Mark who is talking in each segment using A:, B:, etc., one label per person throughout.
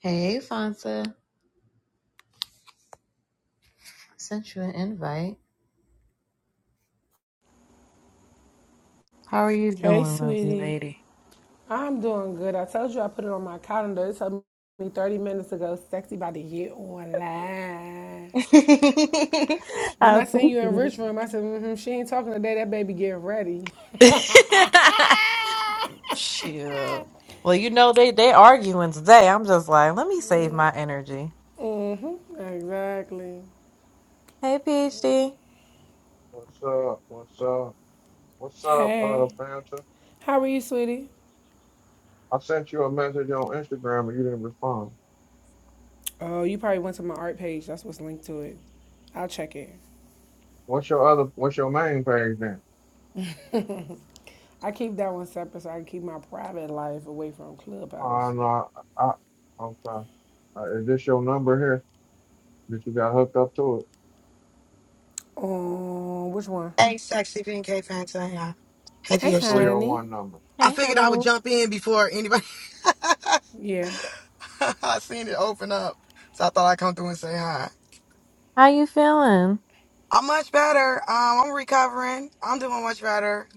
A: Hey, Fonsa. Sent you an invite. How are you
B: Hey,
A: doing, lovely
B: sweetie.
A: lady?
B: I'm doing good. I told you I put it on my calendar. It took me 30 minutes ago. Sexy about to get online. Then
A: I
B: I seen you in
A: appreciate
B: Rich Room. I said, mm-hmm, she ain't talking today. That baby getting ready.
A: it. Shoot. Well, you know they they arguing today. I'm just like, let me save my energy.
B: exactly.
A: Hey, PhD.
C: What's up? What's up? What's up, uh,
B: Hey.
C: Panther?
B: How are you, sweetie?
C: I sent you a message on Instagram and you didn't respond.
B: Oh, you probably went to my art page. That's what's linked to it. I'll check it.
C: What's your other? What's your main page then?
B: I keep that one separate so I can keep my private life away from
C: Uh,
B: Clubhouse.
C: no, I, I, I'm sorry. Uh, is this your number here that you got hooked up to it?
B: Um, which one?
D: Hey, sexy BNK fans, how y'all? Happy
B: Hey,
C: The
D: as
C: three
D: shit.
C: hundred
B: honey.
C: one number.
D: I
A: Hey,
D: figured I would
A: honey.
D: jump in before anybody.
B: Yeah.
D: I seen it open up, so I thought I'd come through and say hi.
A: How you feeling?
D: I'm much better. Um, I'm recovering. I'm doing much better.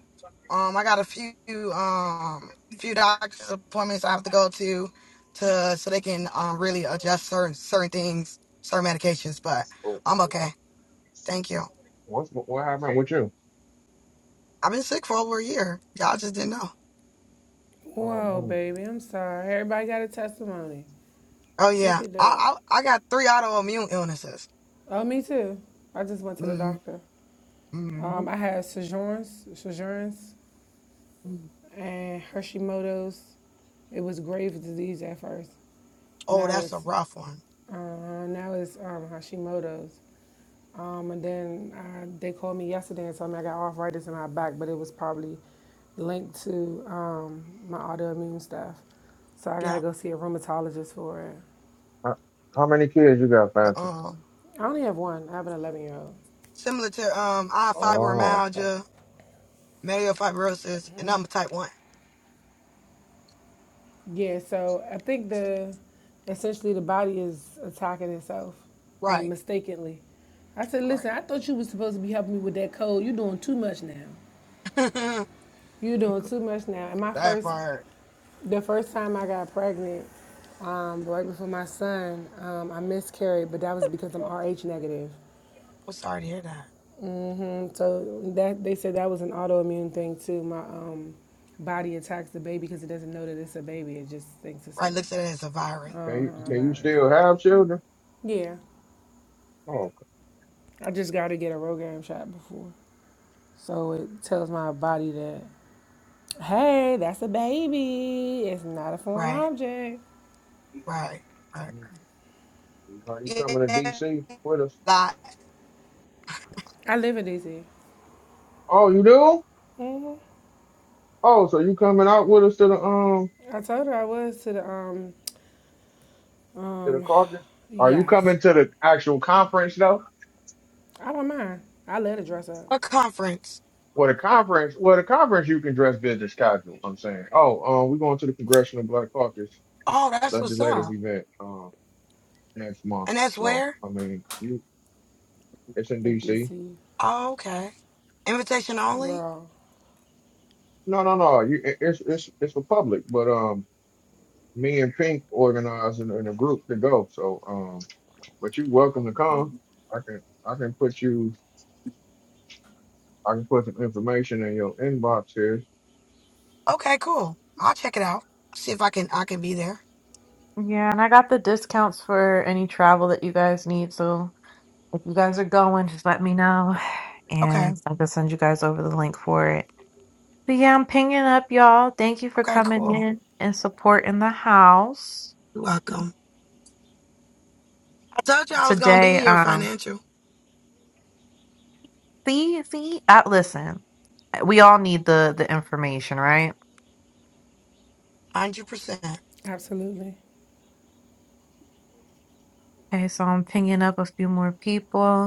D: Um, I got a few um few doctor's appointments I have to go to to so they can um really adjust certain certain things, certain medications. But
C: Oh,
D: I'm
C: uh,
D: okay. Thank you.
C: what's what happened with you?
D: I've been sick for over a year. Y'all just didn't know.
C: Oh
B: Whoa,
C: man,
B: baby, I'm sorry. Everybody got a testimony.
D: Oh
B: Look
D: yeah,
B: at that.
D: I I, I got three autoimmune illnesses.
B: Oh, me too. I just went to the
D: Mm-hmm.
B: doctor.
D: Mm-hmm.
B: Um, I had Sojourn's, Sojourn's
D: Mm-hmm.
B: and Hashimoto's. It was Graves' disease at first.
D: Oh,
B: Now
D: that's a
B: it's
D: rough one.
B: uh, now it's um, Hashimoto's. Um, and then I, they called me yesterday and told me I got arthritis in my back, but it was probably linked to um, my autoimmune stuff. So I
D: Yeah.
B: gotta go see a rheumatologist for it.
C: how, how many kids you got, Panther?
D: Um,
B: I only have one. I have an 11 year old.
D: similar to um, I have
C: Oh, okay.
D: fibromyalgia, myelofibrosis, and I'm a type one.
B: Yeah, so I think the essentially the body is attacking itself uh,
D: Right.
B: mistakenly. I said,
D: Right.
B: listen, I thought you was supposed to be helping me with that cold. You're doing too much now. You're doing too much now. And my
D: that
B: first,
D: part.
B: the first time I got pregnant, um, right before my son, um, I miscarried, but that was because I'm Rh negative.
D: I'm sorry to hear that.
B: hmm So that they said that was an autoimmune thing too. My um, body attacks the baby because it doesn't know that it's a baby. It just thinks it's
D: Right. Looks at
B: a,
D: it as a virus.
C: Can
B: uh
C: you
B: a
C: can you
B: virus.
C: still have children?
B: Yeah.
C: Oh,
B: I just got to get a Rogaine shot before. So it tells my body that, hey, that's a baby. It's not a foreign
D: Right.
B: object.
C: okay.
D: Right. Right.
C: Mm. Are you coming to
D: Yeah.
C: DC with us?
D: Lot.
B: I live in DC.
C: Oh, you do? Oh, so you coming out with us to the um
B: I told her I was to the, um,
C: to the
B: um,
C: caucus? Are you
B: yes.
C: coming to the actual conference though?
B: I don't mind. I let her dress up
D: A conference.
C: Well, the conference, well, the conference you can dress business casual. I'm saying. Oh, um, we're going to the Congressional Black Caucus
D: Oh, that's what's
C: legislative
D: up.
C: event um next month.
D: And that's
C: So
D: where.
C: I mean, you it's in
B: in
C: D.C.
B: DC.
D: Oh, okay. Invitation only.
B: Girl,
C: No, no, no. You it- it's it's it's for public, but um, me and Pink organizing in in a group to go. So um, but you welcome to
D: Oh.
C: come. I can I can put you I can put some information in your inbox here
D: Okay, cool. I'll check it out. See if I can I can be there.
A: Yeah, and I got the discounts for any travel that you guys need. So if you guys are going, just let me know,
D: Okay.
A: and I'll just send you guys over the link for it. But yeah, I'm pinging up, y'all. Thank you for
D: Okay,
A: coming
D: cool.
A: in and supporting the house
D: You're welcome. I told you I was gonna be
A: today.
D: in your
A: Um,
D: financial.
A: see, see, I listen, we all need the the information, right?
D: Hundred percent.
B: absolutely.
A: Okay, so I'm pinging up a few more people.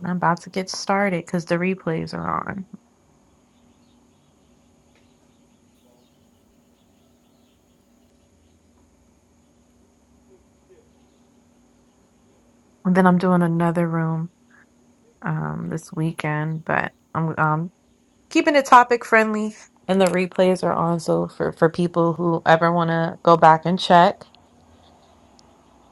A: and I'm about to get started because the replays are on, and then I'm doing another room um this weekend. But I'm um keeping it topic friendly, and the replays are on. So for for people who ever want to go back and check,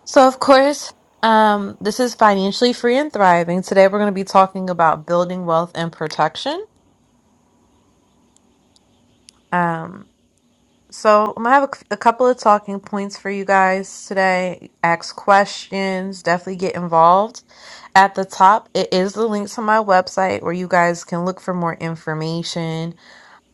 A: So, of course, um, this is Financially Free and Thriving. Today, we're going to be talking about building wealth and protection. Um, so, I'm going to have a a couple of talking points for you guys today. Ask questions, definitely get involved. At the top, it is the link to my website where you guys can look for more information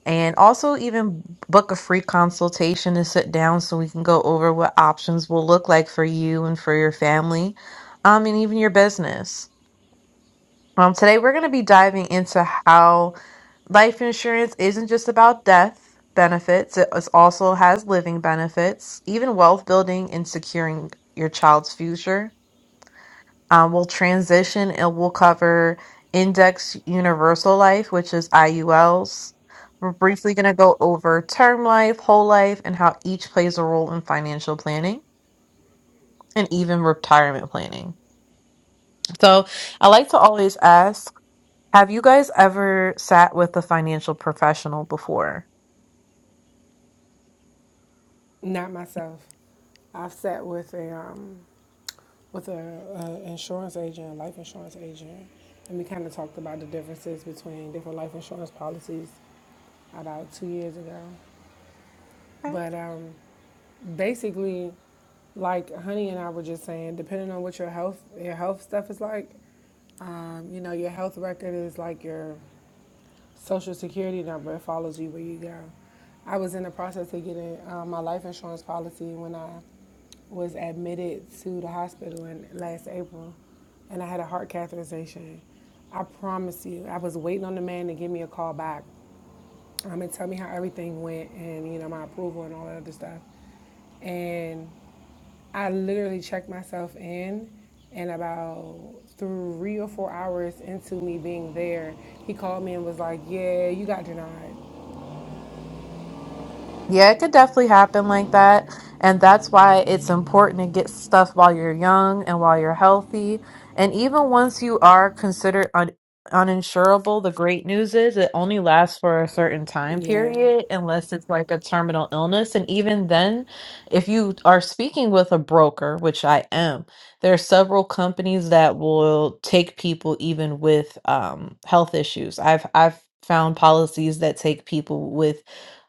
A: and also even book a free consultation to sit down so we can go over what options will look like for you and for your family um, and even your business. Um, today we're going to be diving into how life insurance isn't just about death benefits, it is- also has living benefits, even wealth building and securing your child's future. Um, we'll transition and we'll cover index universal life, which is IULs. We're briefly going to go over term life, whole life, and how each plays a role in financial planning and even retirement planning. So I like to always ask Have you guys ever sat with a financial professional before?
B: Not myself. I've sat with a, um, with a, a insurance agent, a life insurance agent, and we kind of talked about the differences between different life insurance policies about two years ago. But um, basically, like Honey and I were just saying, depending on what your health your health stuff is like, um, you know, your health record is like your social security number. It follows you where you go. I was in the process of getting uh, my life insurance policy when I was admitted to the hospital in last April, and I had a heart catheterization. I promise you, I was waiting on the man to give me a call back um, and tell me how everything went and you know my approval and all that other stuff. And I literally checked myself in, and about three or four hours into me being there, he called me and was like, "Yeah, you got denied."
A: Yeah, it could definitely happen like that. And that's why it's important to get stuff while you're young and while you're healthy. And even once you are considered un uninsurable, the great news is it only lasts for a certain time
B: Yeah.
A: period unless it's like a terminal illness. And even then, if you are speaking with a broker, which I am, there are several companies that will take people even with um, health issues. I've I've found policies that take people with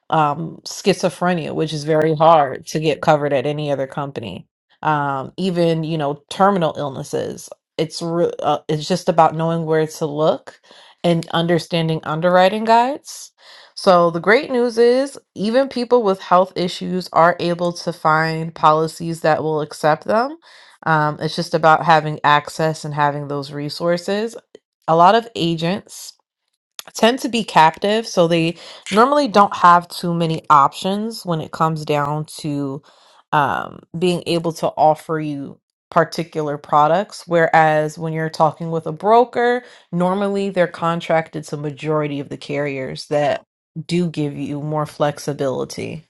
A: um, schizophrenia, which is very hard to get covered at any other company. Um, even you know terminal illnesses. It's re- uh, it's just about knowing where to look and understanding underwriting guides. So the great news is even people with health issues are able to find policies that will accept them. Um, it's just about having access and having those resources. A lot of agents tend to be captive, so they normally don't have too many options when it comes down to um, being able to offer you particular products. Whereas when you're talking with a broker, normally they're contracted to majority of the carriers that do give you more flexibility.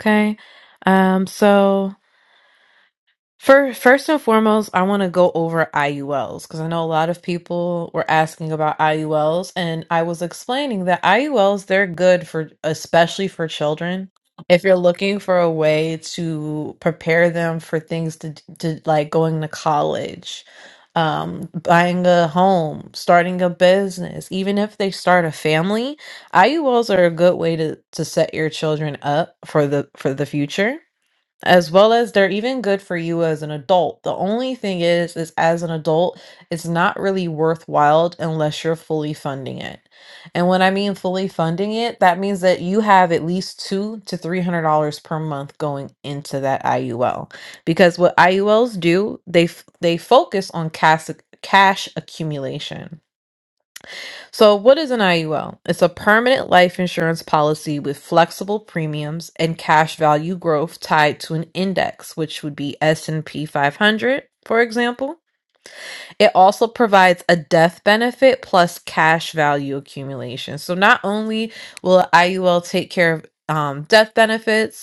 A: Okay. Um, so For first and foremost, I want to go over IULs because I know a lot of people were asking about IULs, and I was explaining that IULs they're good for especially for children. If you're looking for a way to prepare them for things to to like going to college, um, buying a home, starting a business, even if they start a family, IULs are a good way to to set your children up for the for the future as well as they're even good for you as an adult. The only thing is is as an adult, it's not really worthwhile unless you're fully funding it. And when I mean fully funding it, that means that you have at least two to three hundred dollars per month going into that IUL. Because what IULs do, they f- they focus on cash cash accumulation. So, what is an IUL? It's a permanent life insurance policy with flexible premiums and cash value growth tied to an index, which would be S&P 500, for example. It also provides a death benefit plus cash value accumulation. So, not only will IUL take care of um, death benefits,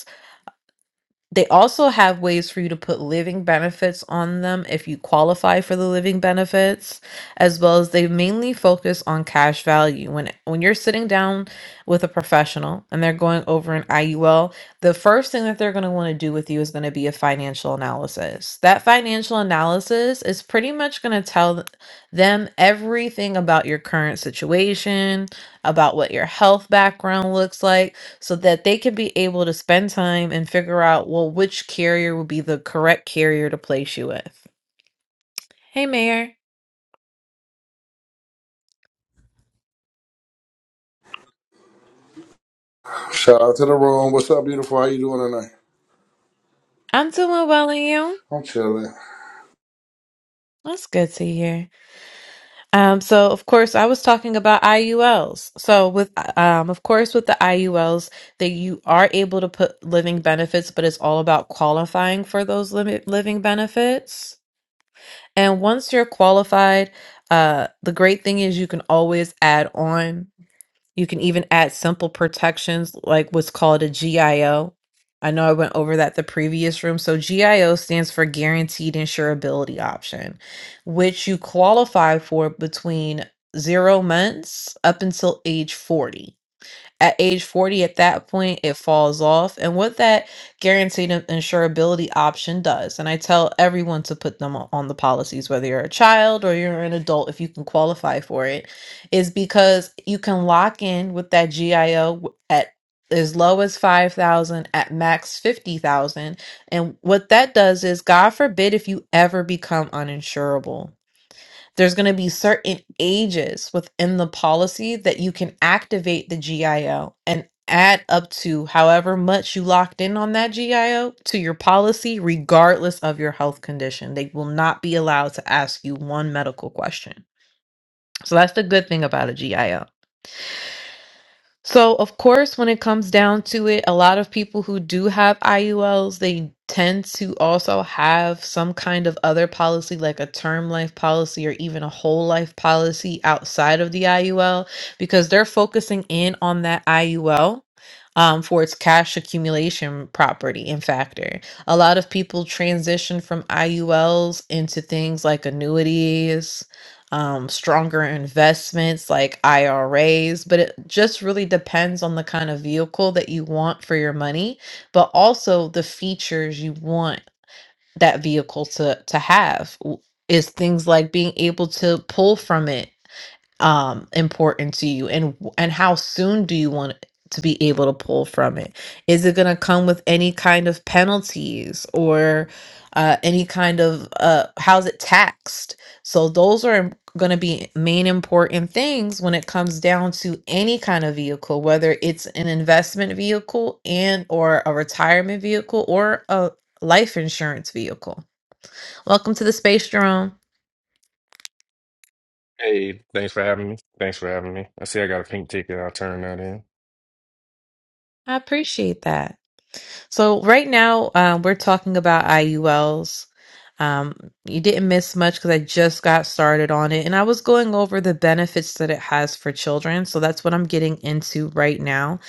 A: they also have ways for you to put living benefits on them if you qualify for the living benefits, as well as they mainly focus on cash value. When when you're sitting down with a professional and they're going over an IUL, the first thing that they're going to want to do with you is going to be a financial analysis. That financial analysis is pretty much going to tell th- them everything about your current situation, about what your health background looks like so that they can be able to spend time and figure out, well, which carrier would be the correct carrier to place you with. Hey, Mayor.
E: Shout out to the room. What's up, beautiful? How you doing tonight?
A: I'm doing well, and you?
E: I'm chilling.
A: That's good to hear. Um, so of course I was talking about IULs. So with um, of course with the IULs that you are able to put living benefits, but it's all about qualifying for those limit living benefits. And once you're qualified, uh, the great thing is you can always add on You can even add simple protections like what's called a GIO. I O. I know I went over that the previous room. So GIO stands for guaranteed insurability option, which you qualify for between zero months up until age 40. At age 40, at that point, it falls off. And what that guaranteed in- insurability option does, and I tell everyone to put them o- on the policies, whether you're a child or you're an adult, if you can qualify for it, is because you can lock in with that GIO at as low as 5,000 at max 50,000 and what that does is, God forbid if you ever become uninsurable. There's going to be certain ages within the policy that you can activate the GIO and add up to however much you locked in on that GIO to your policy, regardless of your health condition. They will not be allowed to ask you one medical question. So that's the good thing about a GIO. So, of course, when it comes down to it, a lot of people who do have IULs, they tend to also have some kind of other policy, like a term life policy or even a whole life policy outside of the IUL, because they're focusing in on that IUL. Um, for its cash accumulation property and factor. A lot of people transition from IULs into things like annuities, um, stronger investments like IRAs, but it just really depends on the kind of vehicle that you want for your money, but also the features you want that vehicle to to have w- is things like being able to pull from it um important to you and w- and how soon do you want to be able to pull from it is it going to come with any kind of penalties or uh, any kind of uh, how's it taxed so those are going to be main important things when it comes down to any kind of vehicle whether it's an investment vehicle and or a retirement vehicle or a life insurance vehicle welcome to the space jerome
F: Hey, thanks for having me. Thanks for having me. I see I got a pink ticket. I'll turn that in.
A: i appreciate that So right now, um, we're talking about IULs. Um, you didn't miss much because I just got started on it, and I was going over the benefits that it has for children. So that's what I'm getting into right now.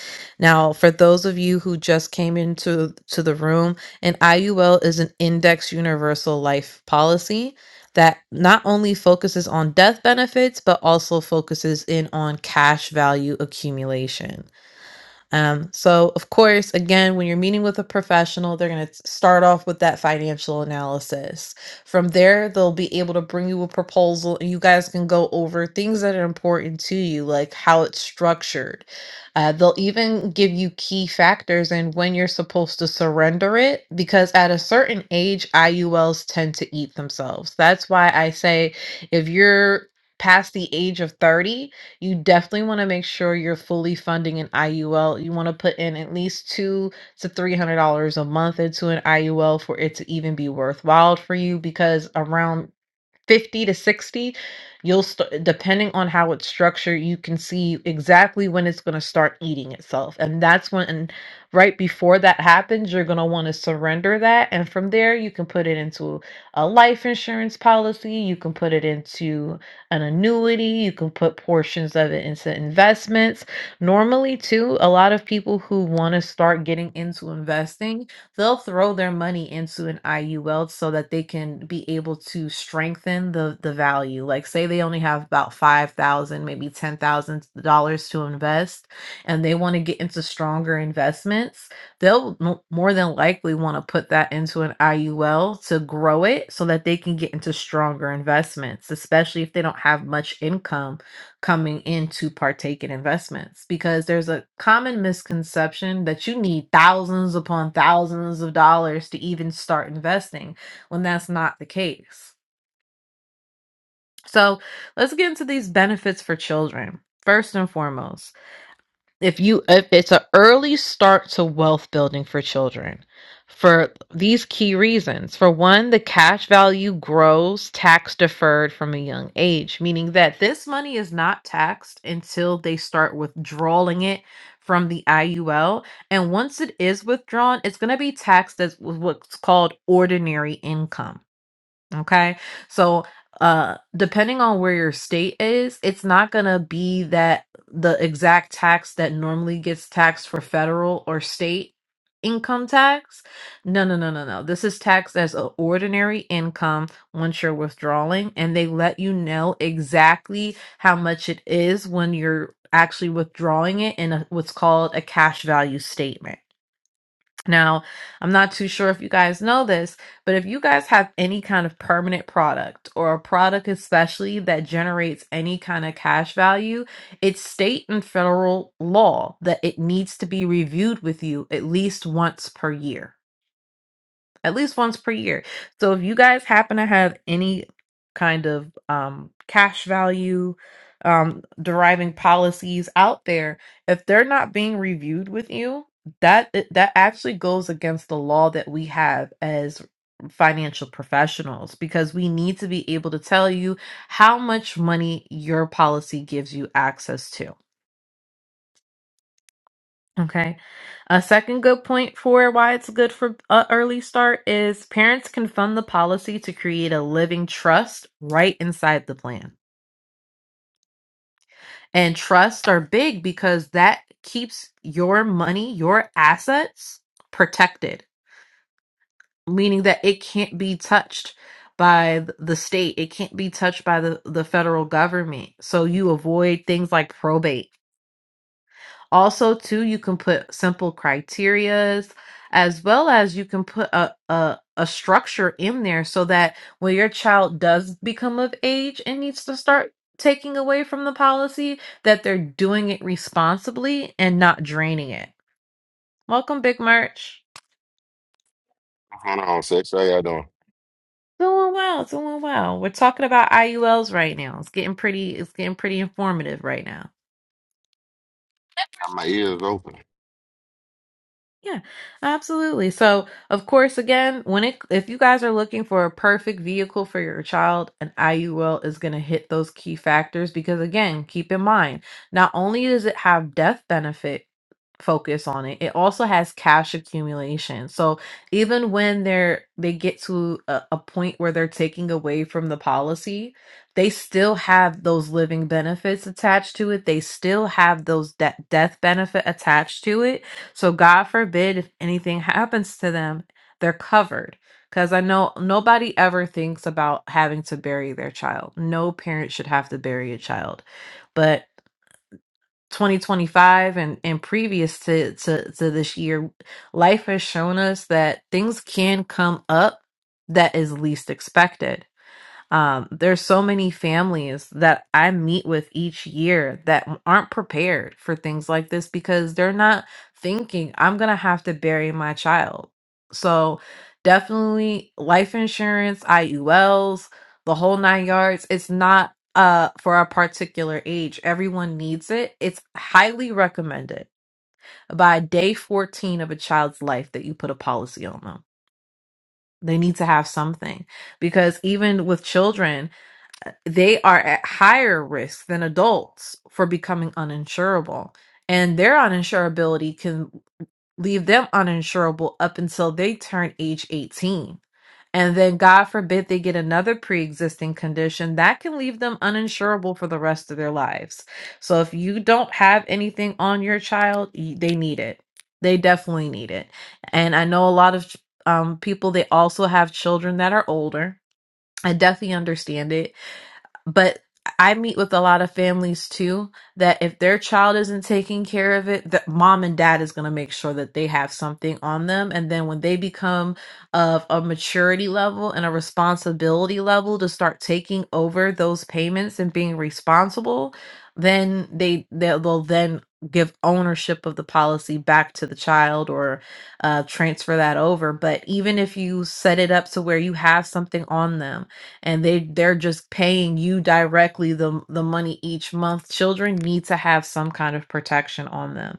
A: Now, for those of you who just came into to the room, an IUL is an Index Universal Life Policy that not only focuses on death benefits but also focuses in on cash value accumulation. Um, so, of course, again, when you're meeting with a professional, they're going to start off with that financial analysis. From there, they'll be able to bring you a proposal and you guys can go over things that are important to you, like how it's structured. Uh, they'll even give you key factors and when you're supposed to surrender it, because at a certain age, IULs tend to eat themselves. That's why I say if you're past the age of 30, you definitely want to make sure you're fully funding an IUL. You want to put in at least two to three hundred dollars a month into an IUL for it to even be worthwhile for you because around 50 to 60 you'll start depending on how it's structured you can see exactly when it's going to start eating itself and that's when and right before that happens you're going to want to surrender that and from there you can put it into a life insurance policy you can put it into an annuity you can put portions of it into investments normally too a lot of people who want to start getting into investing they'll throw their money into an IUL so that they can be able to strengthen the the value. Like say they only have about five thousand, maybe ten thousand dollars to invest, and they want to get into stronger investments. They'll mo- more than likely want to put that into an IUL to grow it so that they can get into stronger investments, especially if they don't have much income coming in to partake in investments because there's a common misconception that you need thousands upon thousands of dollars to even start investing when that's not the case. So let's get into these benefits for children. First and foremost, if you if it's an early start to wealth building for children for these key reasons for one the cash value grows tax deferred from a young age meaning that this money is not taxed until they start withdrawing it from the IUL and once it is withdrawn it's going to be taxed as what's called ordinary income Okay. So, uh, depending on where your state is, it's not going to be that the exact tax that normally gets taxed for federal or state income tax. No, no, no, no, no. This is taxed as an ordinary income once you're withdrawing, and they let you know exactly how much it is when you're actually withdrawing it in a, what's called a cash value statement. Now, I'm not too sure if you guys know this, but if you guys have any kind of permanent product or a product especially that generates any kind of cash value, it's state and federal law that it needs to be reviewed with you at least once per year at least once per year. So if you guys happen to have any kind of um, cash value um, deriving policies out there, if they're not being reviewed with you, that eh, that actually goes against the law that we have as financial professionals because we need to be able to tell you how much money your policy gives you access to. Okay. A second good point for why it's good for an early start is parents can fund the policy to create a living trust right inside the plan. And trusts are big because that keeps your money, your assets protected, meaning that it can't be touched by th- the state, it can't be touched by the, the federal government. So you avoid things like probate Also, too, you can put simple criterias as well as you can put a, a, a structure in there so that when your child does become of age and needs to start taking away from the policy, that they're doing it responsibly and not draining it. Welcome, Big Merch.
G: Hold on, sex. How y'all doing?
A: Doing well, doing well. We're talking about IULs right now. It's getting pretty it's getting pretty informative right now.
G: Got my ears open.
A: Yeah, absolutely. So, of course, again, when it if you guys are looking for a perfect vehicle for your child, an IUL is going to hit those key factors because again, keep in mind, not only does it have death benefit focus on it, it also has cash accumulation. So, even when they're they get to a, a point where they're taking away from the policy, they still have those living benefits attached to it. They still have those de- death benefit attached to it so God forbid if anything happens to them, they're covered. Because I know nobody ever thinks about having to bury their child. No parent should have to bury a child. But 2025 and, and previous to, to, to this year, life has shown us that things can come up that is least expected. Um, there's so many families that I meet with each year that aren't prepared for things like this because they're not thinking, I'm going to have to bury my child. So, definitely life insurance, IULs, the whole nine yards, it's not uh for a particular age. Everyone needs it. It's highly recommended by day 14 of a child's life that you put a policy on them. They need to have something because even with children, they are at higher risk than adults for becoming uninsurable. And their uninsurability can leave them uninsurable up until they turn age 18. And then, God forbid, they get another pre existing condition that can leave them uninsurable for the rest of their lives. So, if you don't have anything on your child, y- they need it. They definitely need it. And I know a lot of um, people, they also have children that are older. I definitely understand it but I meet with a lot of families too that if their child isn't taking care of it, that mom and dad is going to make sure that they have something on them. And then when they become of a maturity level and a responsibility level to start taking over those payments and being responsible, then they they'll, they'll then give ownership of the policy back to the child or uh, transfer that over. But even if you set it up to where you have something on them and they they're just paying you directly the the money each month children need to have some kind of protection on them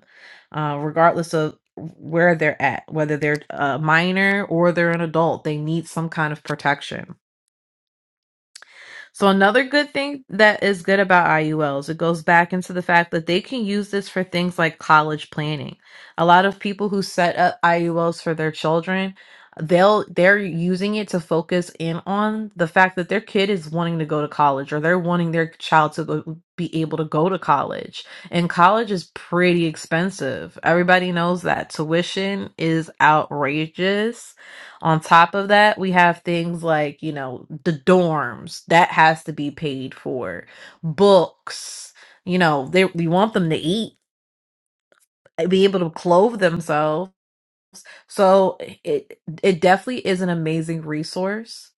A: uh, regardless of where they're at whether they're a minor or they're an adult they need some kind of protection so another good thing that is good about IULs, it goes back into the fact that they can use this for things like college planning. A lot of people who set up IULs for their children, they'll they're using it to focus in on the fact that their kid is wanting to go to college or they're wanting their child to go, be able to go to college. And college is pretty expensive. Everybody knows that tuition is outrageous on top of that, we have things like, you know, the dorms that has to be paid for, books, you know, they we want them to eat, eh, be able to clothe themselves so it it definitely is an amazing resource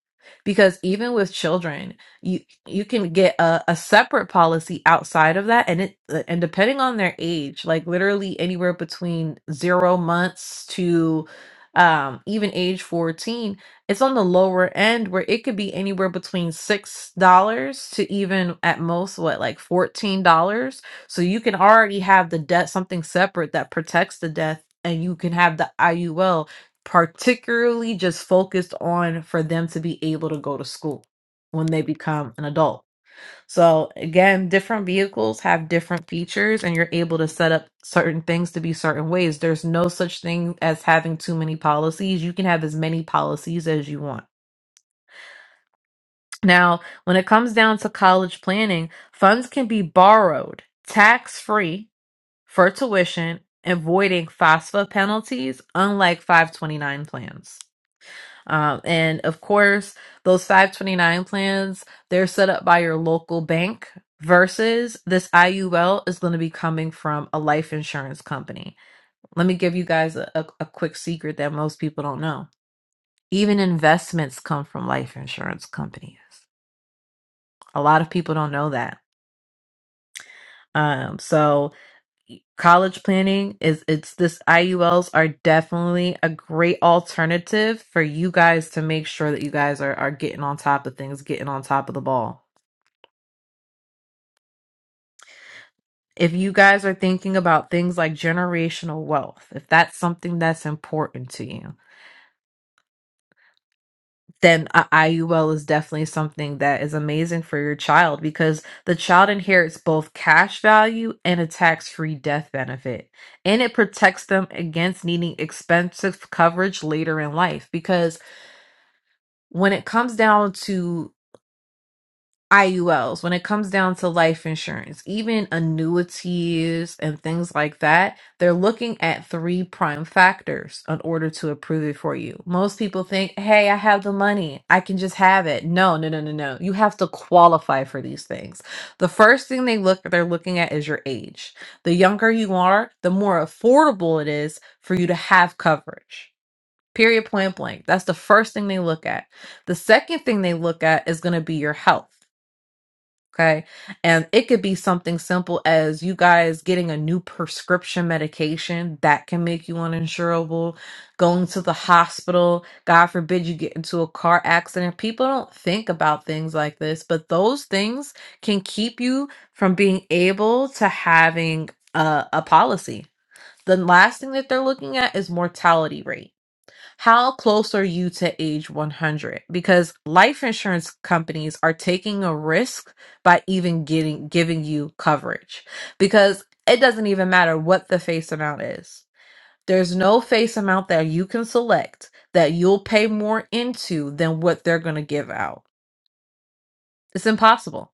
A: because even with children, you you can get a, a separate policy outside of that and it uh, and depending on their age, like literally anywhere between 0 months to um even age 14, it's on the lower end where it could be anywhere between $6 to even at most what like $14 so you can already have the death something separate that protects the death, and you can have the IUL particularly just focused on for them to be able to go to school when they become an adult. So again, different vehicles have different features and you're able to set up certain things to be certain ways. There's no such thing as having too many policies. You can have as many policies as you want. Now, when it comes down to college planning, funds can be borrowed tax-free for tuition, avoiding FAFSA penalties, unlike 529 plans. Um, and of course, those 529 plans, they're set up by your local bank versus this IUL is going to be coming from a life insurance company. Let me give you guys a, a, a quick secret that most people don't know. Even investments come from life insurance companies. A lot of people don't know that. Um, so college planning is it's this IULs are definitely a great alternative for you guys to make sure that you guys are are getting on top of things, getting on top of the ball. If you guys are thinking about things like generational wealth, if that's something that's important to you, then a IUL is definitely something that is amazing for your child because the child inherits both cash value and a tax free death benefit. And it protects them against needing expensive coverage later in life because when it comes down to IULs, when it comes down to life insurance, even annuities and things like that, they're looking at three prime factors in order to approve it for you. Most people think, hey, I have the money, I can just have it. No, no, no, no, no. You have to qualify for these things. The first thing they look they're looking at is your age. The younger you are, the more affordable it is for you to have coverage. Period point blank. That's the first thing they look at. The second thing they look at is going to be your health. Okay. And it could be something simple as you guys getting a new prescription medication that can make you uninsurable, going to the hospital. God forbid you get into a car accident. People don't think about things like this, but those things can keep you from being able to having a, a policy. The last thing that they're looking at is mortality rate how close are you to age 100? Because life insurance companies are taking a risk by even getting giving you coverage because it doesn't even matter what the face amount is. There's no face amount that you can select that you'll pay more into than what they're going to give out. It's impossible.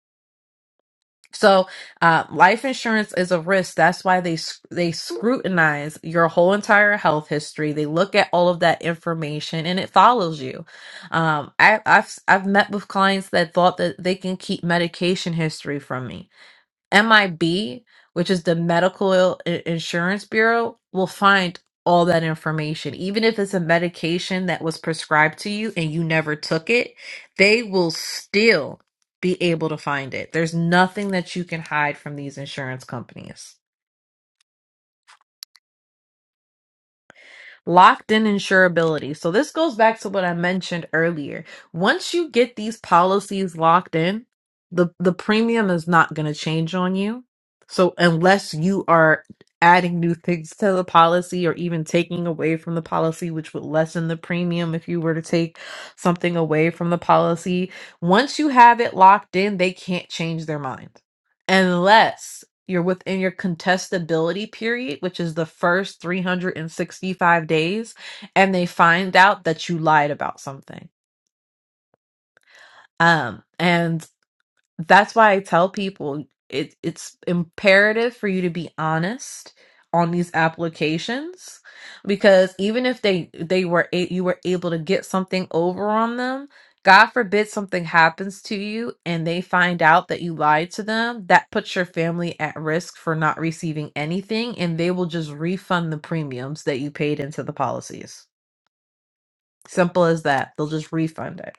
A: So, uh, life insurance is a risk. That's why they s- they scrutinize your whole entire health history. They look at all of that information, and it follows you. Um, I, I've s- I've met with clients that thought that they can keep medication history from me MIB, which is the Medical I- Insurance Bureau, will find all that information. Even if it's a medication that was prescribed to you and you never took it, they will still be able to find it. There's nothing that you can hide from these insurance companies. Locked in insurability. So this goes back to what I mentioned earlier. Once you get these policies locked in, the, the premium is not going to change on you. So unless you are adding new things to the policy or even taking away from the policy, which would lessen the premium if you were to take something away from the policy, once you have it locked in, they can't change their mind. Unless you're within your contestability period, which is the first 365 days, and they find out that you lied about something. Um, and that's why I tell people it it's imperative for you to be honest on these applications because even if they they were a- you were able to get something over on them god forbid something happens to you and they find out that you lied to them that puts your family at risk for not receiving anything and they will just refund the premiums that you paid into the policies simple as that they'll just refund it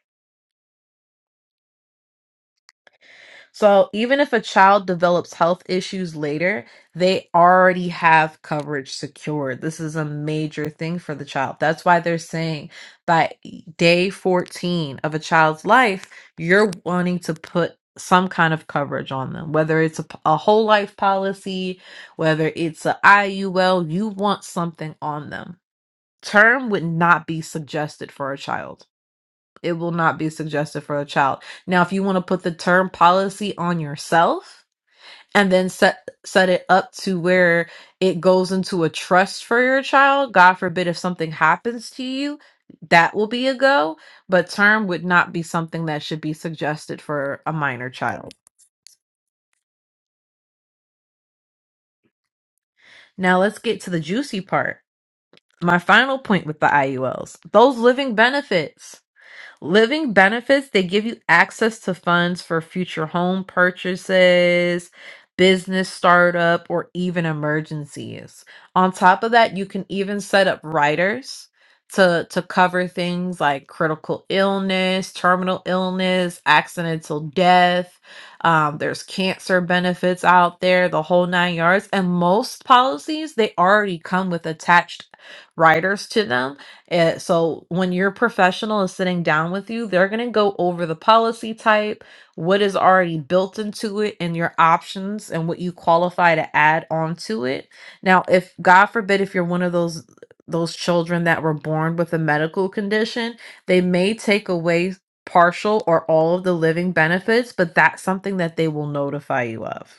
A: So even if a child develops health issues later, they already have coverage secured. This is a major thing for the child. That's why they're saying by day 14 of a child's life, you're wanting to put some kind of coverage on them, whether it's a, p- a whole life policy, whether it's a IUL, you want something on them. Term would not be suggested for a child. It will not be suggested for a child. Now, if you want to put the term policy on yourself and then set set it up to where it goes into a trust for your child, God forbid if something happens to you, that will be a go, but term would not be something that should be suggested for a minor child. Now, let's get to the juicy part. My final point with the IULs, those living benefits. Living benefits, they give you access to funds for future home purchases, business startup, or even emergencies. On top of that, you can even set up riders to to cover things like critical illness, terminal illness, accidental death. Um, there's cancer benefits out there, the whole nine yards. And most policies, they already come with attached riders to them Eh, so when your professional is sitting down with you, they're going to go over the policy type, what is already built into it, and your options and what you qualify to add onto it. Now, if God forbid, if you're one of those those children that were born with a medical condition, they may take away partial or all of the living benefits, but that's something that they will notify you of.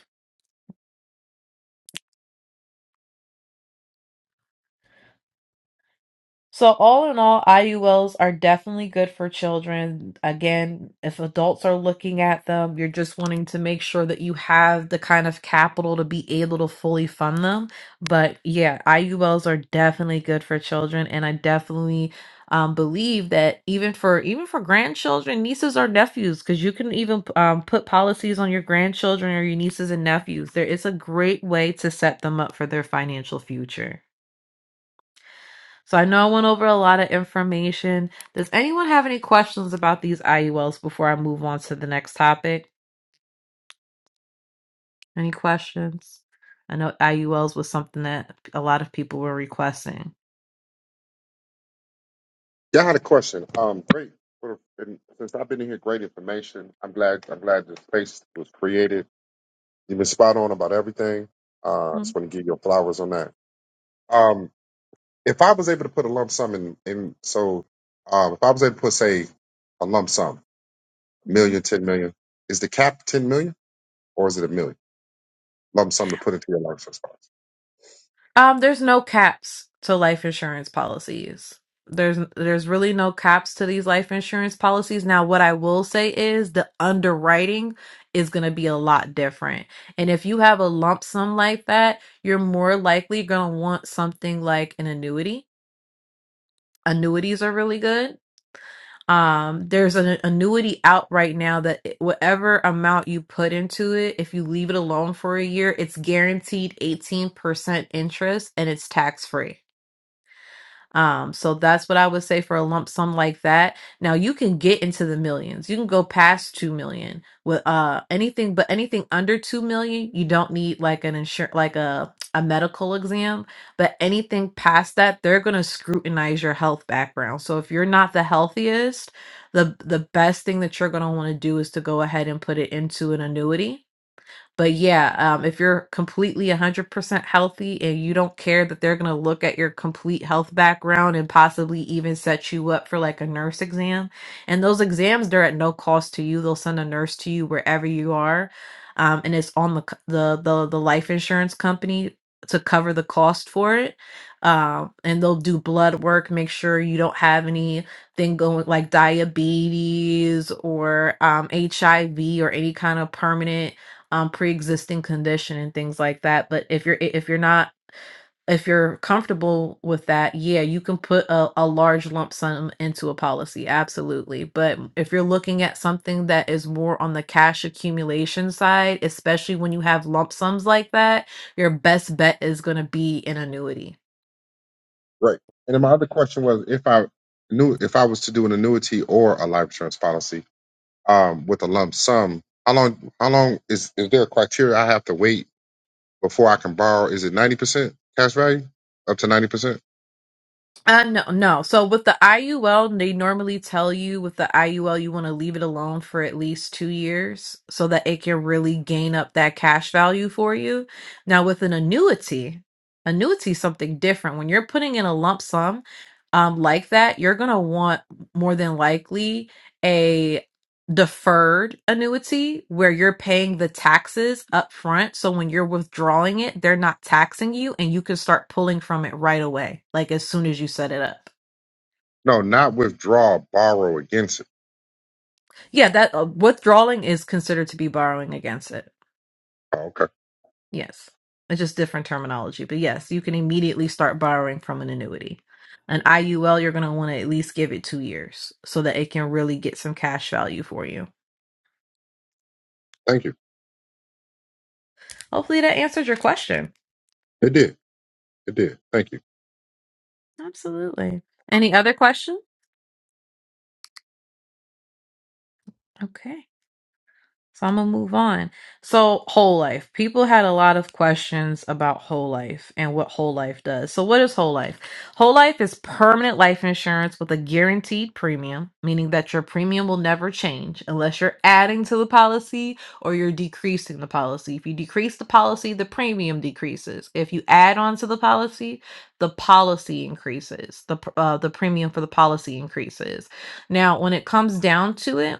A: So all in all, IULs are definitely good for children. Again, if adults are looking at them, you're just wanting to make sure that you have the kind of capital to be able to fully fund them. But yeah, IULs are definitely good for children, and I definitely um, believe that even for even for grandchildren, nieces or nephews, because you can even um, put policies on your grandchildren or your nieces and nephews. There is a great way to set them up for their financial future. So I know I went over a lot of information. Does anyone have any questions about these IULs before I move on to the next topic? Any questions? I know IULs was something that a lot of people were requesting.
H: Yeah, I had a question. Um, great. Sort of- and Since I've been in here, great information. I'm glad. I'm glad the space was created. You've been spot on about everything. Uh, I just want to give you flowers on that. Um, if I was able to put a lump sum in, in so um, if I was able to put say a lump sum, a million, ten million, is the cap ten million or is it a million lump sum to put into your life response?
A: Um, there's no caps to life insurance policies. There's there's really no caps to these life insurance policies. Now, what I will say is the underwriting is going to be a lot different. And if you have a lump sum like that, you're more likely going to want something like an annuity. Annuities are really good. Um, there's an annuity out right now that it- whatever amount you put into it, if you leave it alone for a year, it's guaranteed 18% interest and it's tax free. Um, so that's what I would say for a lump sum like that. Now you can get into the millions. You can go past 2 million with uh anything but anything under 2 million, you don't need like an insur like a a medical exam, but anything past that, they're going to scrutinize your health background. So if you're not the healthiest, the the best thing that you're going to want to do is to go ahead and put it into an annuity but yeah, um, if you're completely 100% healthy and you don't care that they're going to look at your complete health background and possibly even set you up for like a nurse exam, and those exams, they're at no cost to you. They'll send a nurse to you wherever you are. Um, and it's on the, c- the, the, the life insurance company to cover the cost for it. Um, and they'll do blood work, make sure you don't have any thing going like diabetes or um, HIV or any kind of permanent um, pre-existing condition and things like that. But if you're if you're not if you're comfortable with that, yeah, you can put a, a large lump sum into a policy, absolutely. But if you're looking at something that is more on the cash accumulation side, especially when you have lump sums like that, your best bet is going to be an annuity.
H: Right. And then my other question was if I knew if I was to do an annuity or a life insurance policy, um, with a lump sum. How long? How long is is there a criteria I have to wait before I can borrow? Is it ninety percent cash value? Up to ninety percent?
A: Uh, no, no. So with the IUL, they normally tell you with the IUL, you want to leave it alone for at least two years so that it can really gain up that cash value for you. Now, with an annuity, annuity is something different. When you're putting in a lump sum um, like that, you're going to want more than likely deferred annuity where you're paying the taxes up front so when you're withdrawing it they're not taxing you and you can start pulling from it right away like as soon as you set it up
H: No, not withdraw. Borrow against it.
A: yeah that uh, withdrawing is considered to be borrowing against it
H: Oh, okay.
A: yes it's just different terminology but yes you can immediately start borrowing from an annuity an iul you're going to want to at least give it two years so that it can really get some cash value for you
H: Thank you.
A: hopefully that answers your question
H: It did. It did. Thank you.
A: absolutely any other question okay So I'm gonna move on. So whole life. People had a lot of questions about whole life and what whole life does. So what is whole life? Whole life is permanent life insurance with a guaranteed premium, meaning that your premium will never change unless you're adding to the policy or you're decreasing the policy. If you decrease the policy, the premium decreases. If you add on to the policy, the policy increases. The pr- uh, the premium for the policy increases. Now, when it comes down to it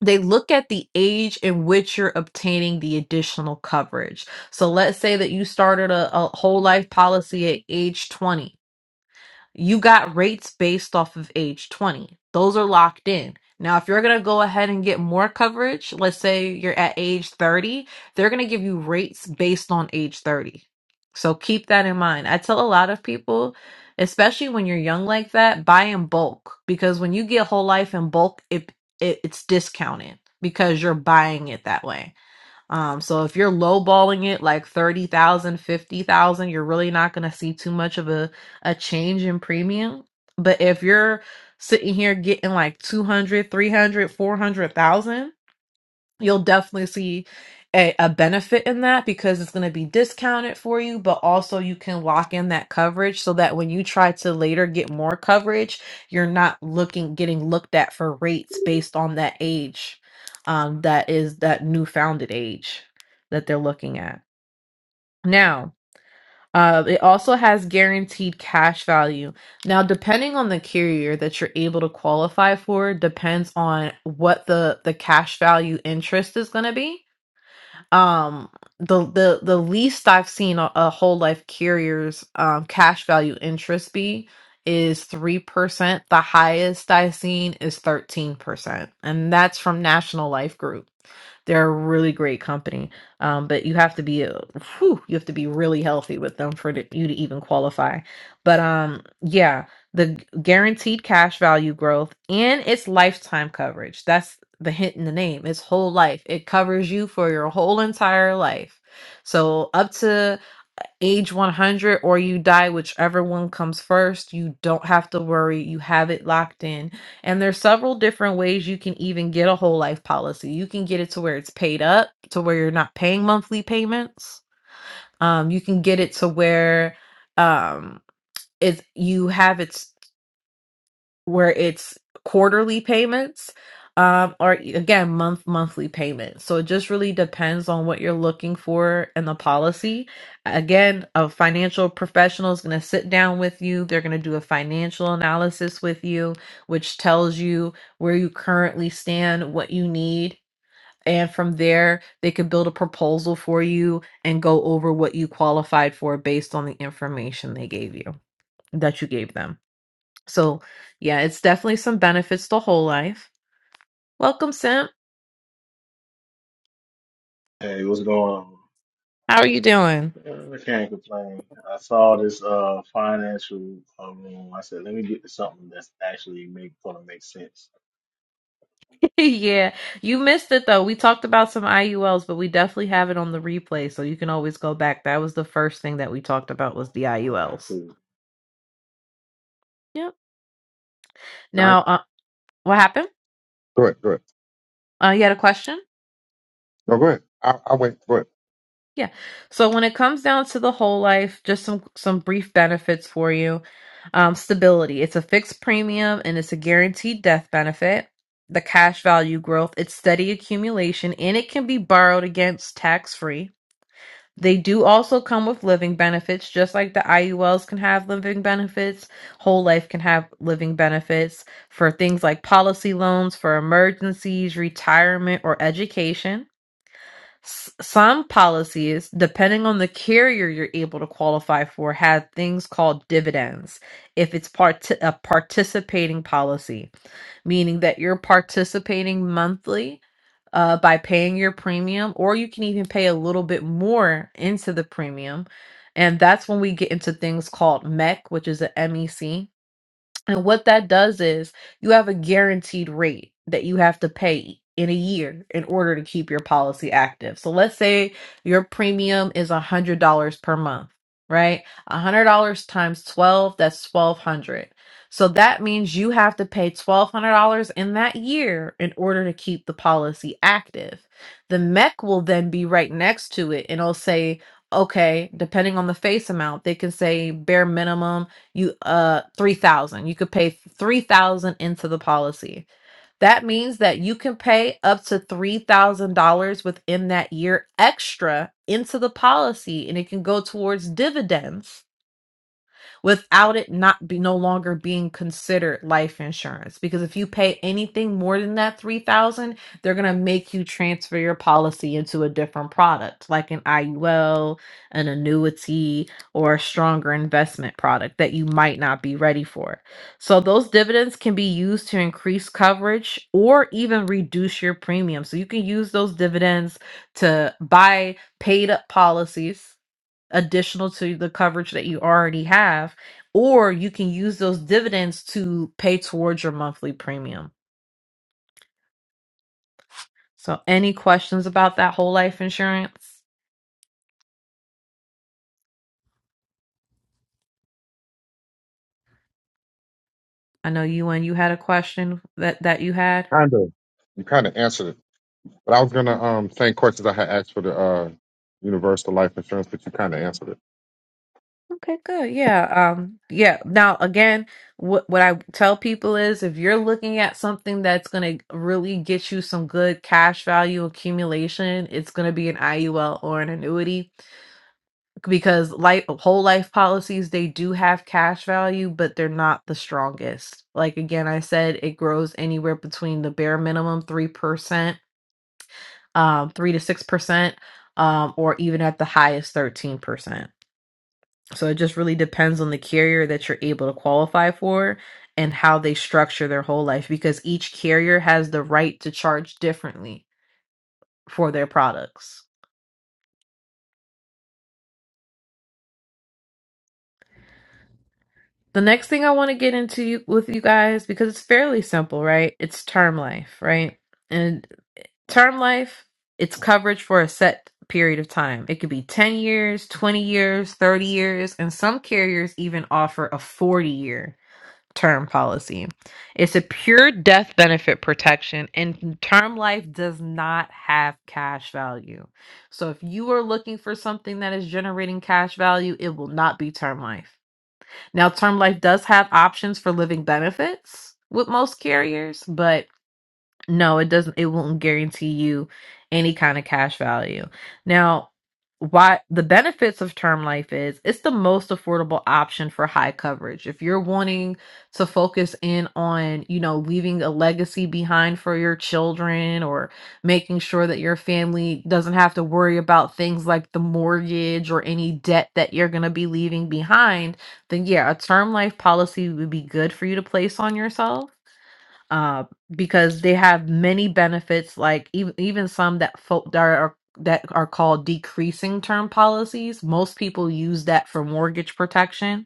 A: they look at the age in which you're obtaining the additional coverage. So let's say that you started a, a whole life policy at age 20 you got rates based off of age 20. Those are locked in. Now, if you're going to go ahead and get more coverage, let's say you're at age 30, they're going to give you rates based on age 30. So keep that in mind. I tell a lot of people, especially when you're young like that, buy in bulk because when you get whole life in bulk, it, it it's discounted because you're buying it that way. Um, so if you're lowballing it like thirty thousand, fifty thousand, you're really not going to see too much of a, a change in premium. But if you're sitting here getting like 200, 300, 400,000 you'll definitely see a, a benefit in that because it's going to be discounted for you, but also you can lock in that coverage so that when you try to later get more coverage, you're not looking getting looked at for rates based on that age um, that is that new founded age that they're looking at. Now, uh, it also has guaranteed cash value. Now, depending on the carrier that you're able to qualify for, depends on what the the cash value interest is going to be um the the the least i've seen a, a whole life carrier's um cash value interest be is 3% the highest i've seen is 13% and that's from national life group they're a really great company um but you have to be a, whew, you have to be really healthy with them for the, you to even qualify but um yeah the gu- guaranteed cash value growth and its lifetime coverage. That's the hint in the name. It's whole life. It covers you for your whole entire life. So up to age 100 or you die whichever one comes first, you don't have to worry. You have it locked in. And there's several different ways you can even get a whole life policy. You can get it to where it's paid up, to where you're not paying monthly payments. Um you can get it to where um it's you have it where it's quarterly payments um or again month monthly payments so it just really depends on what you're looking for in the policy again a financial professional is going to sit down with you they're going to do a financial analysis with you which tells you where you currently stand what you need and from there they could build a proposal for you and go over what you qualified for based on the information they gave you that you gave them so, yeah, it's definitely some benefits to whole life. Welcome, Simp.
I: Hey, what's going on?
A: How are you doing?
I: Uh, I can't complain. I saw this uh financial uh, room. I said, let me get to something that's actually make gonna make sense.
A: yeah, you missed it though. We talked about some IULs, but we definitely have it on the replay, so you can always go back. That was the first thing that we talked about was the
I: Uh,
A: IULs.
I: cool.
A: Yep.
H: All right.
A: Now, uh, what happened?
H: Go ahead. Go ahead.
A: Uh, you had a question?
H: No, go ahead. I, I wait. Go ahead.
A: Yeah. So when it comes down to the whole life, just some some brief benefits for you. Um, stability. It's a fixed premium and it's a guaranteed death benefit. The cash value growth, it's steady accumulation and it can be borrowed against tax free. They do also come with living benefits, just like the IULs can have living benefits. Whole life can have living benefits for things like policy loans, for emergencies, retirement, or education. S- Some policies, depending on the carrier you're able to qualify for, have things called dividends if it's part- a participating policy, meaning that you're participating monthly uh, by paying your premium, or you can even pay a little bit more into the premium. And that's when we get into things called MEC, which is a MEC and what that does is you have a guaranteed rate that you have to pay in a year in order to keep your policy active. So let's say your premium is $100 per month, right? $100 times 12, that's 1200. So that means you have to pay $1200 in that year in order to keep the policy active. The mech will then be right next to it and it'll say okay, depending on the face amount, they can say bare minimum you uh 3000 you could pay 3000 into the policy that means that you can pay up to $3000 within that year extra into the policy and it can go towards dividends without it not be no longer being considered life insurance because if you pay anything more than that 3000 they're going to make you transfer your policy into a different product like an IUL an annuity or a stronger investment product that you might not be ready for so those dividends can be used to increase coverage or even reduce your premium so you can use those dividends to buy paid up policies additional to the coverage that you already have, or you can use those dividends to pay towards your monthly premium. So, any questions about that whole life insurance? I know you and you had a question that that you had.
H: Kind of. You kind of answered it, but I was gonna um same questions I had asked for the uh universal life insurance, but you kind of answered it.
A: Okay, good. Yeah. Um yeah. Now again, what what I tell people is if you're looking at something that's going to really get you some good cash value accumulation, it's going to be an IUL or an annuity because life whole life policies they do have cash value but they're not the strongest like again i said it grows anywhere between the bare minimum 3% um, 3 to 6% um, or even at the highest 13% so it just really depends on the carrier that you're able to qualify for and how they structure their whole life because each carrier has the right to charge differently for their products The next thing I want to get into you, with you guys, because it's fairly simple, right? It's term life, right? And term life, it's coverage for a set period of time. It could be 10 years, 20 years, 30 years, and some carriers even offer a 40 year term policy. It's a pure death benefit protection, and term life does not have cash value. So if you are looking for something that is generating cash value, it will not be term life. Now, term life does have options for living benefits with most carriers, but no, it doesn't. It won't guarantee you any kind of cash value. Now, why the benefits of term life is it's the most affordable option for high coverage. If you're wanting to focus in on, you know, leaving a legacy behind for your children or making sure that your family doesn't have to worry about things like the mortgage or any debt that you're going to be leaving behind, then yeah, a term life policy would be good for you to place on yourself uh, because they have many benefits, like even even some that folk that are that are called decreasing term policies. Most people use that for mortgage protection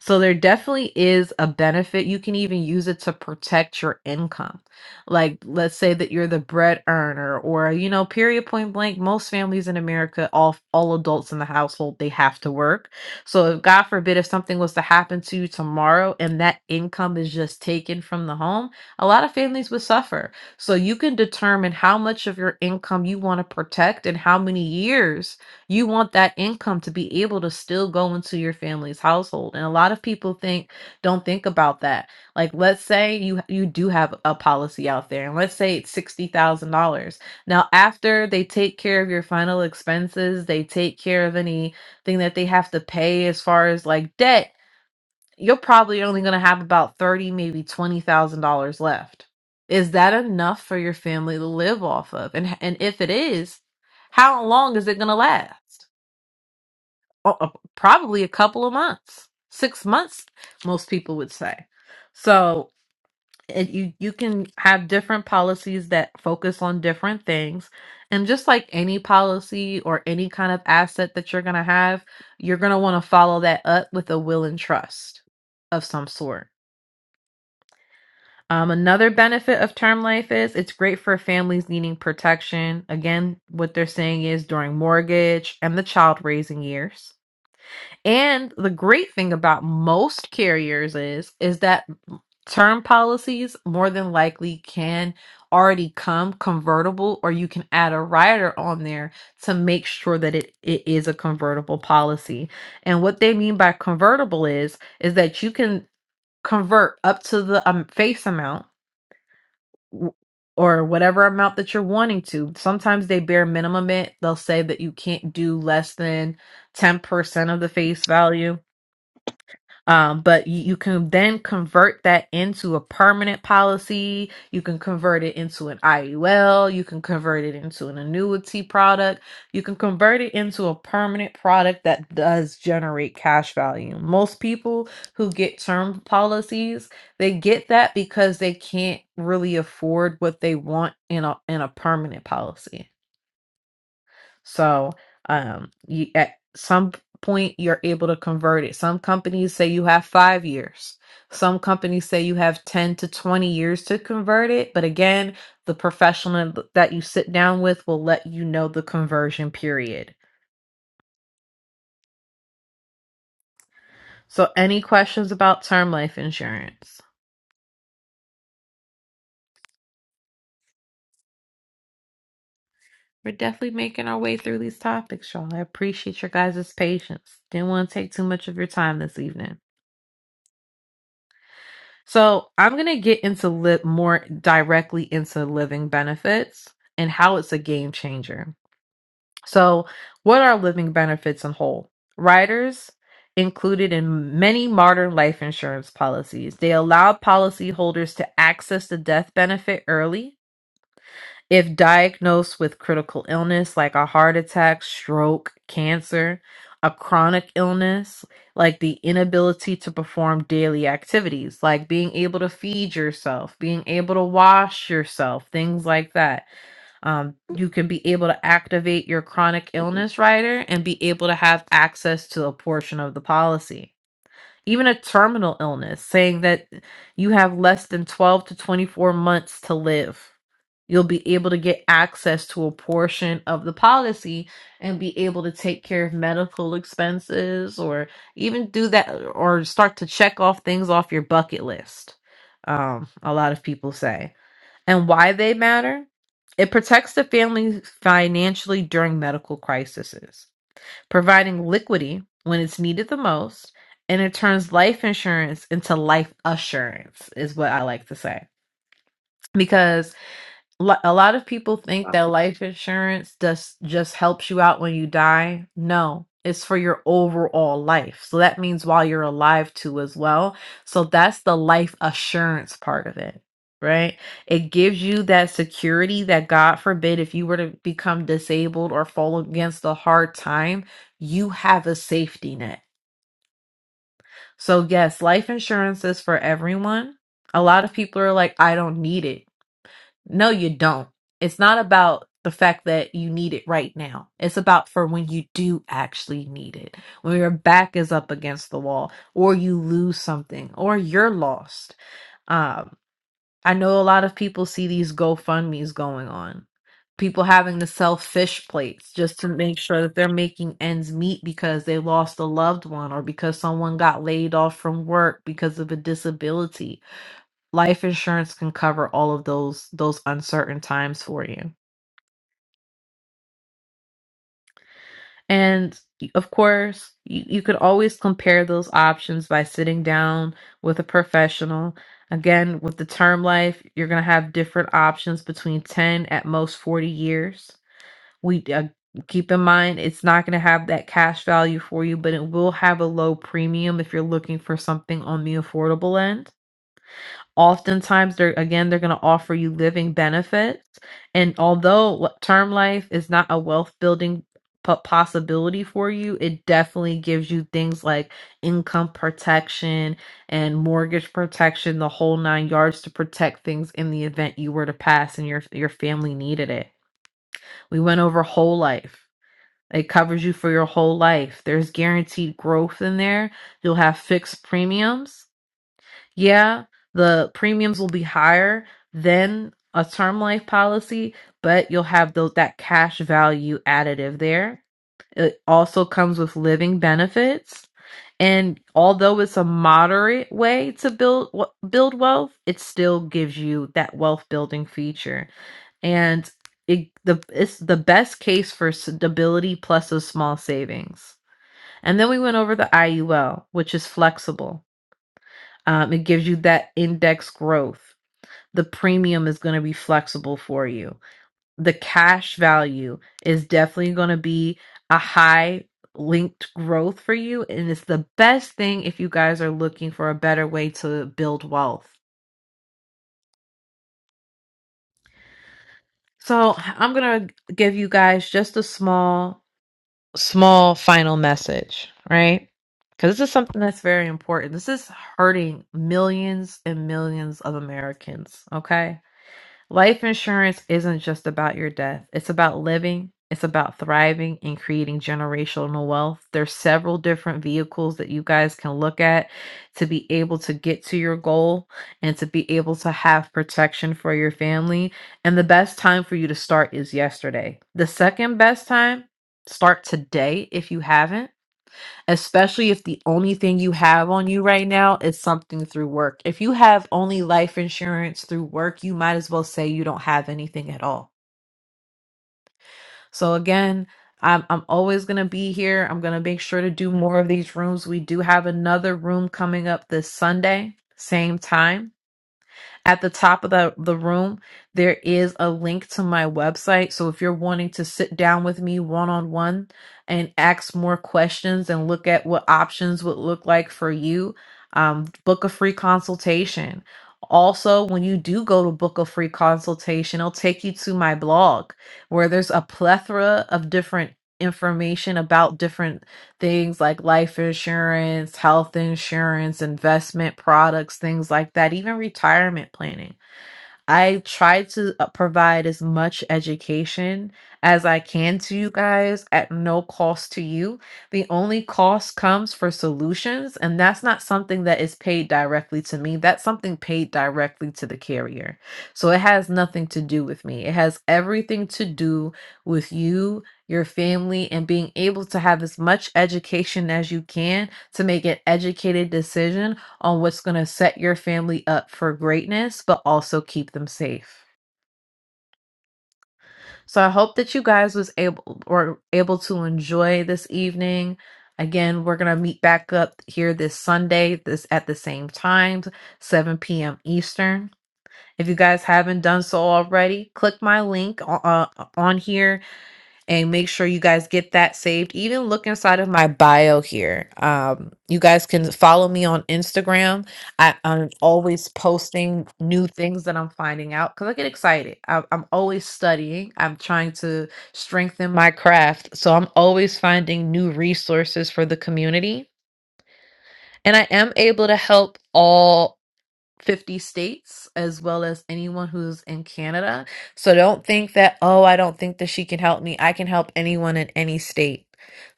A: so there definitely is a benefit. You can even use it to protect your income. Like let's say that you're the bread earner or you know, period point blank, most families in America, all all adults in the household, they have to work. So if God forbid if something was to happen to you tomorrow and that income is just taken from the home, a lot of families would suffer. So you can determine how much of your income you want to protect and how many years you want that income to be able to still go into your family's household. And a lot of people think don't think about that. Like let's say you you do have a policy out there and let's say it's $60,000. Now after they take care of your final expenses, they take care of anything that they have to pay as far as like debt, you're probably only going to have about 30 maybe $20,000 left. Is that enough for your family to live off of? And and if it is, how long is it going to last? oh, uh, probably a couple of months, six months, most people would say. So it, you you can have different policies that focus on different things, and just like any policy or any kind of asset that you're gonna have, you're gonna want to follow that up with a will and trust of some sort. Um, another benefit of term life is it's great for families needing protection. Again, what they're saying is during mortgage and the child raising years. And the great thing about most carriers is is that term policies more than likely can already come convertible or you can add a rider on there to make sure that it, it is a convertible policy. And what they mean by convertible is is that you can convert up to the um, face amount w- or whatever amount that you're wanting to. Sometimes they bear minimum it. They'll say that you can't do less than 10% of the face value um, but you, you can then convert that into a permanent policy. You can convert it into an IUL. You can convert it into an annuity product. You can convert it into a permanent product that does generate cash value. Most people who get term policies, they get that because they can't really afford what they want in a in a permanent policy. So, um, you, at some point, you're able to convert it. Some companies say you have five years. Some companies say you have 10 to 20 years to convert it. But again, the professional th- that you sit down with will let you know the conversion period. So, any questions about term life insurance? We're definitely making our way through these topics, y'all. I appreciate your guys' patience. Didn't want to take too much of your time this evening. So I'm gonna get into li- more directly into living benefits and how it's a game changer. So, what are living benefits in whole? Riders included in many modern life insurance policies. They allow policyholders to access the death benefit early if diagnosed with critical illness like a heart attack, stroke, cancer, a chronic illness like the inability to perform daily activities, like being able to feed yourself, being able to wash yourself, things like that, um, you can be able to activate your chronic illness rider and be able to have access to a portion of the policy. Even a terminal illness, saying that you have less than 12 to 24 months to live You'll be able to get access to a portion of the policy and be able to take care of medical expenses or even do that or start to check off things off your bucket list. Um, a lot of people say. And why they matter? It protects the family financially during medical crises, providing liquidity when it's needed the most, and it turns life insurance into life assurance, is what I like to say. Because Lo a lot of people think that life insurance just just helps you out when you die. No, it's for your overall life. So that means while you're alive too as well. So that's the life assurance part of it, right? It gives you that security that God forbid if you were to become disabled or fall against a hard time, you have a safety net. So yes, life insurance is for everyone. A lot of people are like, I don't need it no, you don't. It's not about the fact that you need it right now. It's about for when you do actually need it. When your back is up against the wall, or you lose something, or you're lost. Um, I know a lot of people see these GoFundMe's going on. People having to sell fish plates just to make sure that they're making ends meet because they lost a loved one or because someone got laid off from work because of a disability Life insurance can cover all of those those uncertain times for you. And of course, you, you could always compare those options by sitting down with a professional. Again, with the term life, you're going to have different options between 10 at most 40 years. We uh, keep in mind it's not going to have that cash value for you, but it will have a low premium if you're looking for something on the affordable end. Oftentimes, they're again, they're going to offer you living benefits. And although what- term life is not a wealth building po- possibility for you, it definitely gives you things like income protection and mortgage protection, the whole nine yards to protect things in the event you were to pass and your your family needed it. We went over whole life. It covers you for your whole life. There's guaranteed growth in there. You'll have fixed premiums. Yeah, the premiums will be higher than a term life policy, but you'll have those that cash value additive there. It also comes with living benefits. And although it's a moderate way to build w- build wealth, it still gives you that wealth building feature. And it, the it's the best case for stability plus a small savings. And then we went over the IUL, which is flexible. Um, it gives you that index growth. The premium is going to be flexible for you. The cash value is definitely going to be a high linked growth for you. And it's the best thing if you guys are looking for a better way to build wealth. So I'm going to give you guys just a small, small final message, right? Because this is something that's very important. This is hurting millions and millions of Americans, okay? Life insurance isn't just about your death. It's about living, it's about thriving and creating generational wealth. There's several different vehicles that you guys can look at to be able to get to your goal and to be able to have protection for your family. And the best time for you to start is yesterday. The second best time, start today if you haven't especially if the only thing you have on you right now is something through work. If you have only life insurance through work, you might as well say you don't have anything at all. So again, I'm I'm always going to be here. I'm going to make sure to do more of these rooms. We do have another room coming up this Sunday, same time. At the top of the, the room, there is a link to my website. So if you're wanting to sit down with me one on one and ask more questions and look at what options would look like for you, um, book a free consultation. Also, when you do go to book a free consultation, it'll take you to my blog where there's a plethora of different information about different things like life insurance, health insurance, investment products, things like that, even retirement planning. I try to uh, provide as much education as I can to you guys at no cost to you. The only cost comes for solutions, and that's not something that is paid directly to me. That's something paid directly to the carrier. So it has nothing to do with me. It has everything to do with you, your family, and being able to have as much education as you can to make an educated decision on what's going to set your family up for greatness but also keep them safe so i hope that you guys was able or able to enjoy this evening again we're going to meet back up here this sunday this at the same time 7 p.m eastern if you guys haven't done so already click my link uh, on here and make sure you guys get that saved. Even look inside of my bio here. Um, you guys can follow me on Instagram. I, I'm always posting new things that I'm finding out because I get excited. I, I'm always studying. I'm trying to strengthen my craft, so I'm always finding new resources for the community. And I am able to help all. 50 states as well as anyone who's in Canada. So don't think that, oh, I don't think that she can help me. I can help anyone in any state.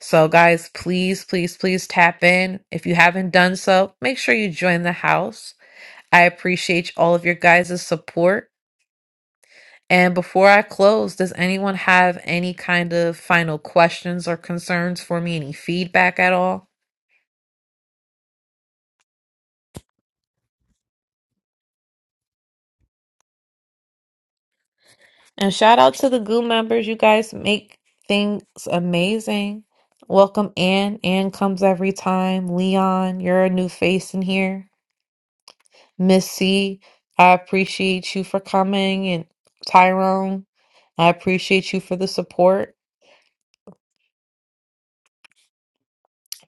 A: So, guys, please, please, please tap in. If you haven't done so, make sure you join the house. I appreciate all of your guys' support. And before I close, does anyone have any kind of final questions or concerns for me? Any feedback at all? And shout out to the goo members. You guys make things amazing. Welcome Ann. Ann comes every time. Leon, you're a new face in here. Miss C, I appreciate you for coming. And Tyrone, I appreciate you for the support.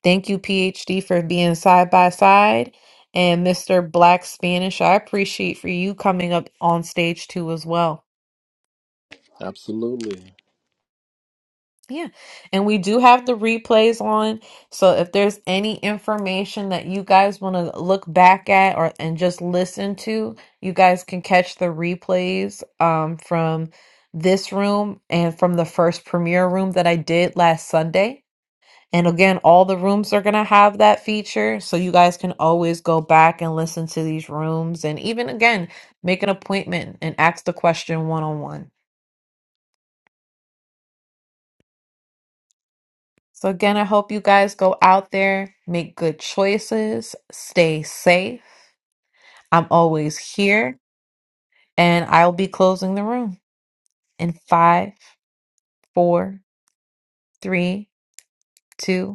A: Thank you, PhD, for being side by side. And Mr. Black Spanish, I appreciate for you coming up on stage too as well.
J: Absolutely.
A: Yeah. And we do have the replays on. So if there's any information that you guys want to look back at or and just listen to, you guys can catch the replays um from this room and from the first premiere room that I did last Sunday. And again, all the rooms are going to have that feature. So you guys can always go back and listen to these rooms and even again, make an appointment and ask the question one on one. So, again, I hope you guys go out there, make good choices, stay safe. I'm always here, and I'll be closing the room in five, four, three, two,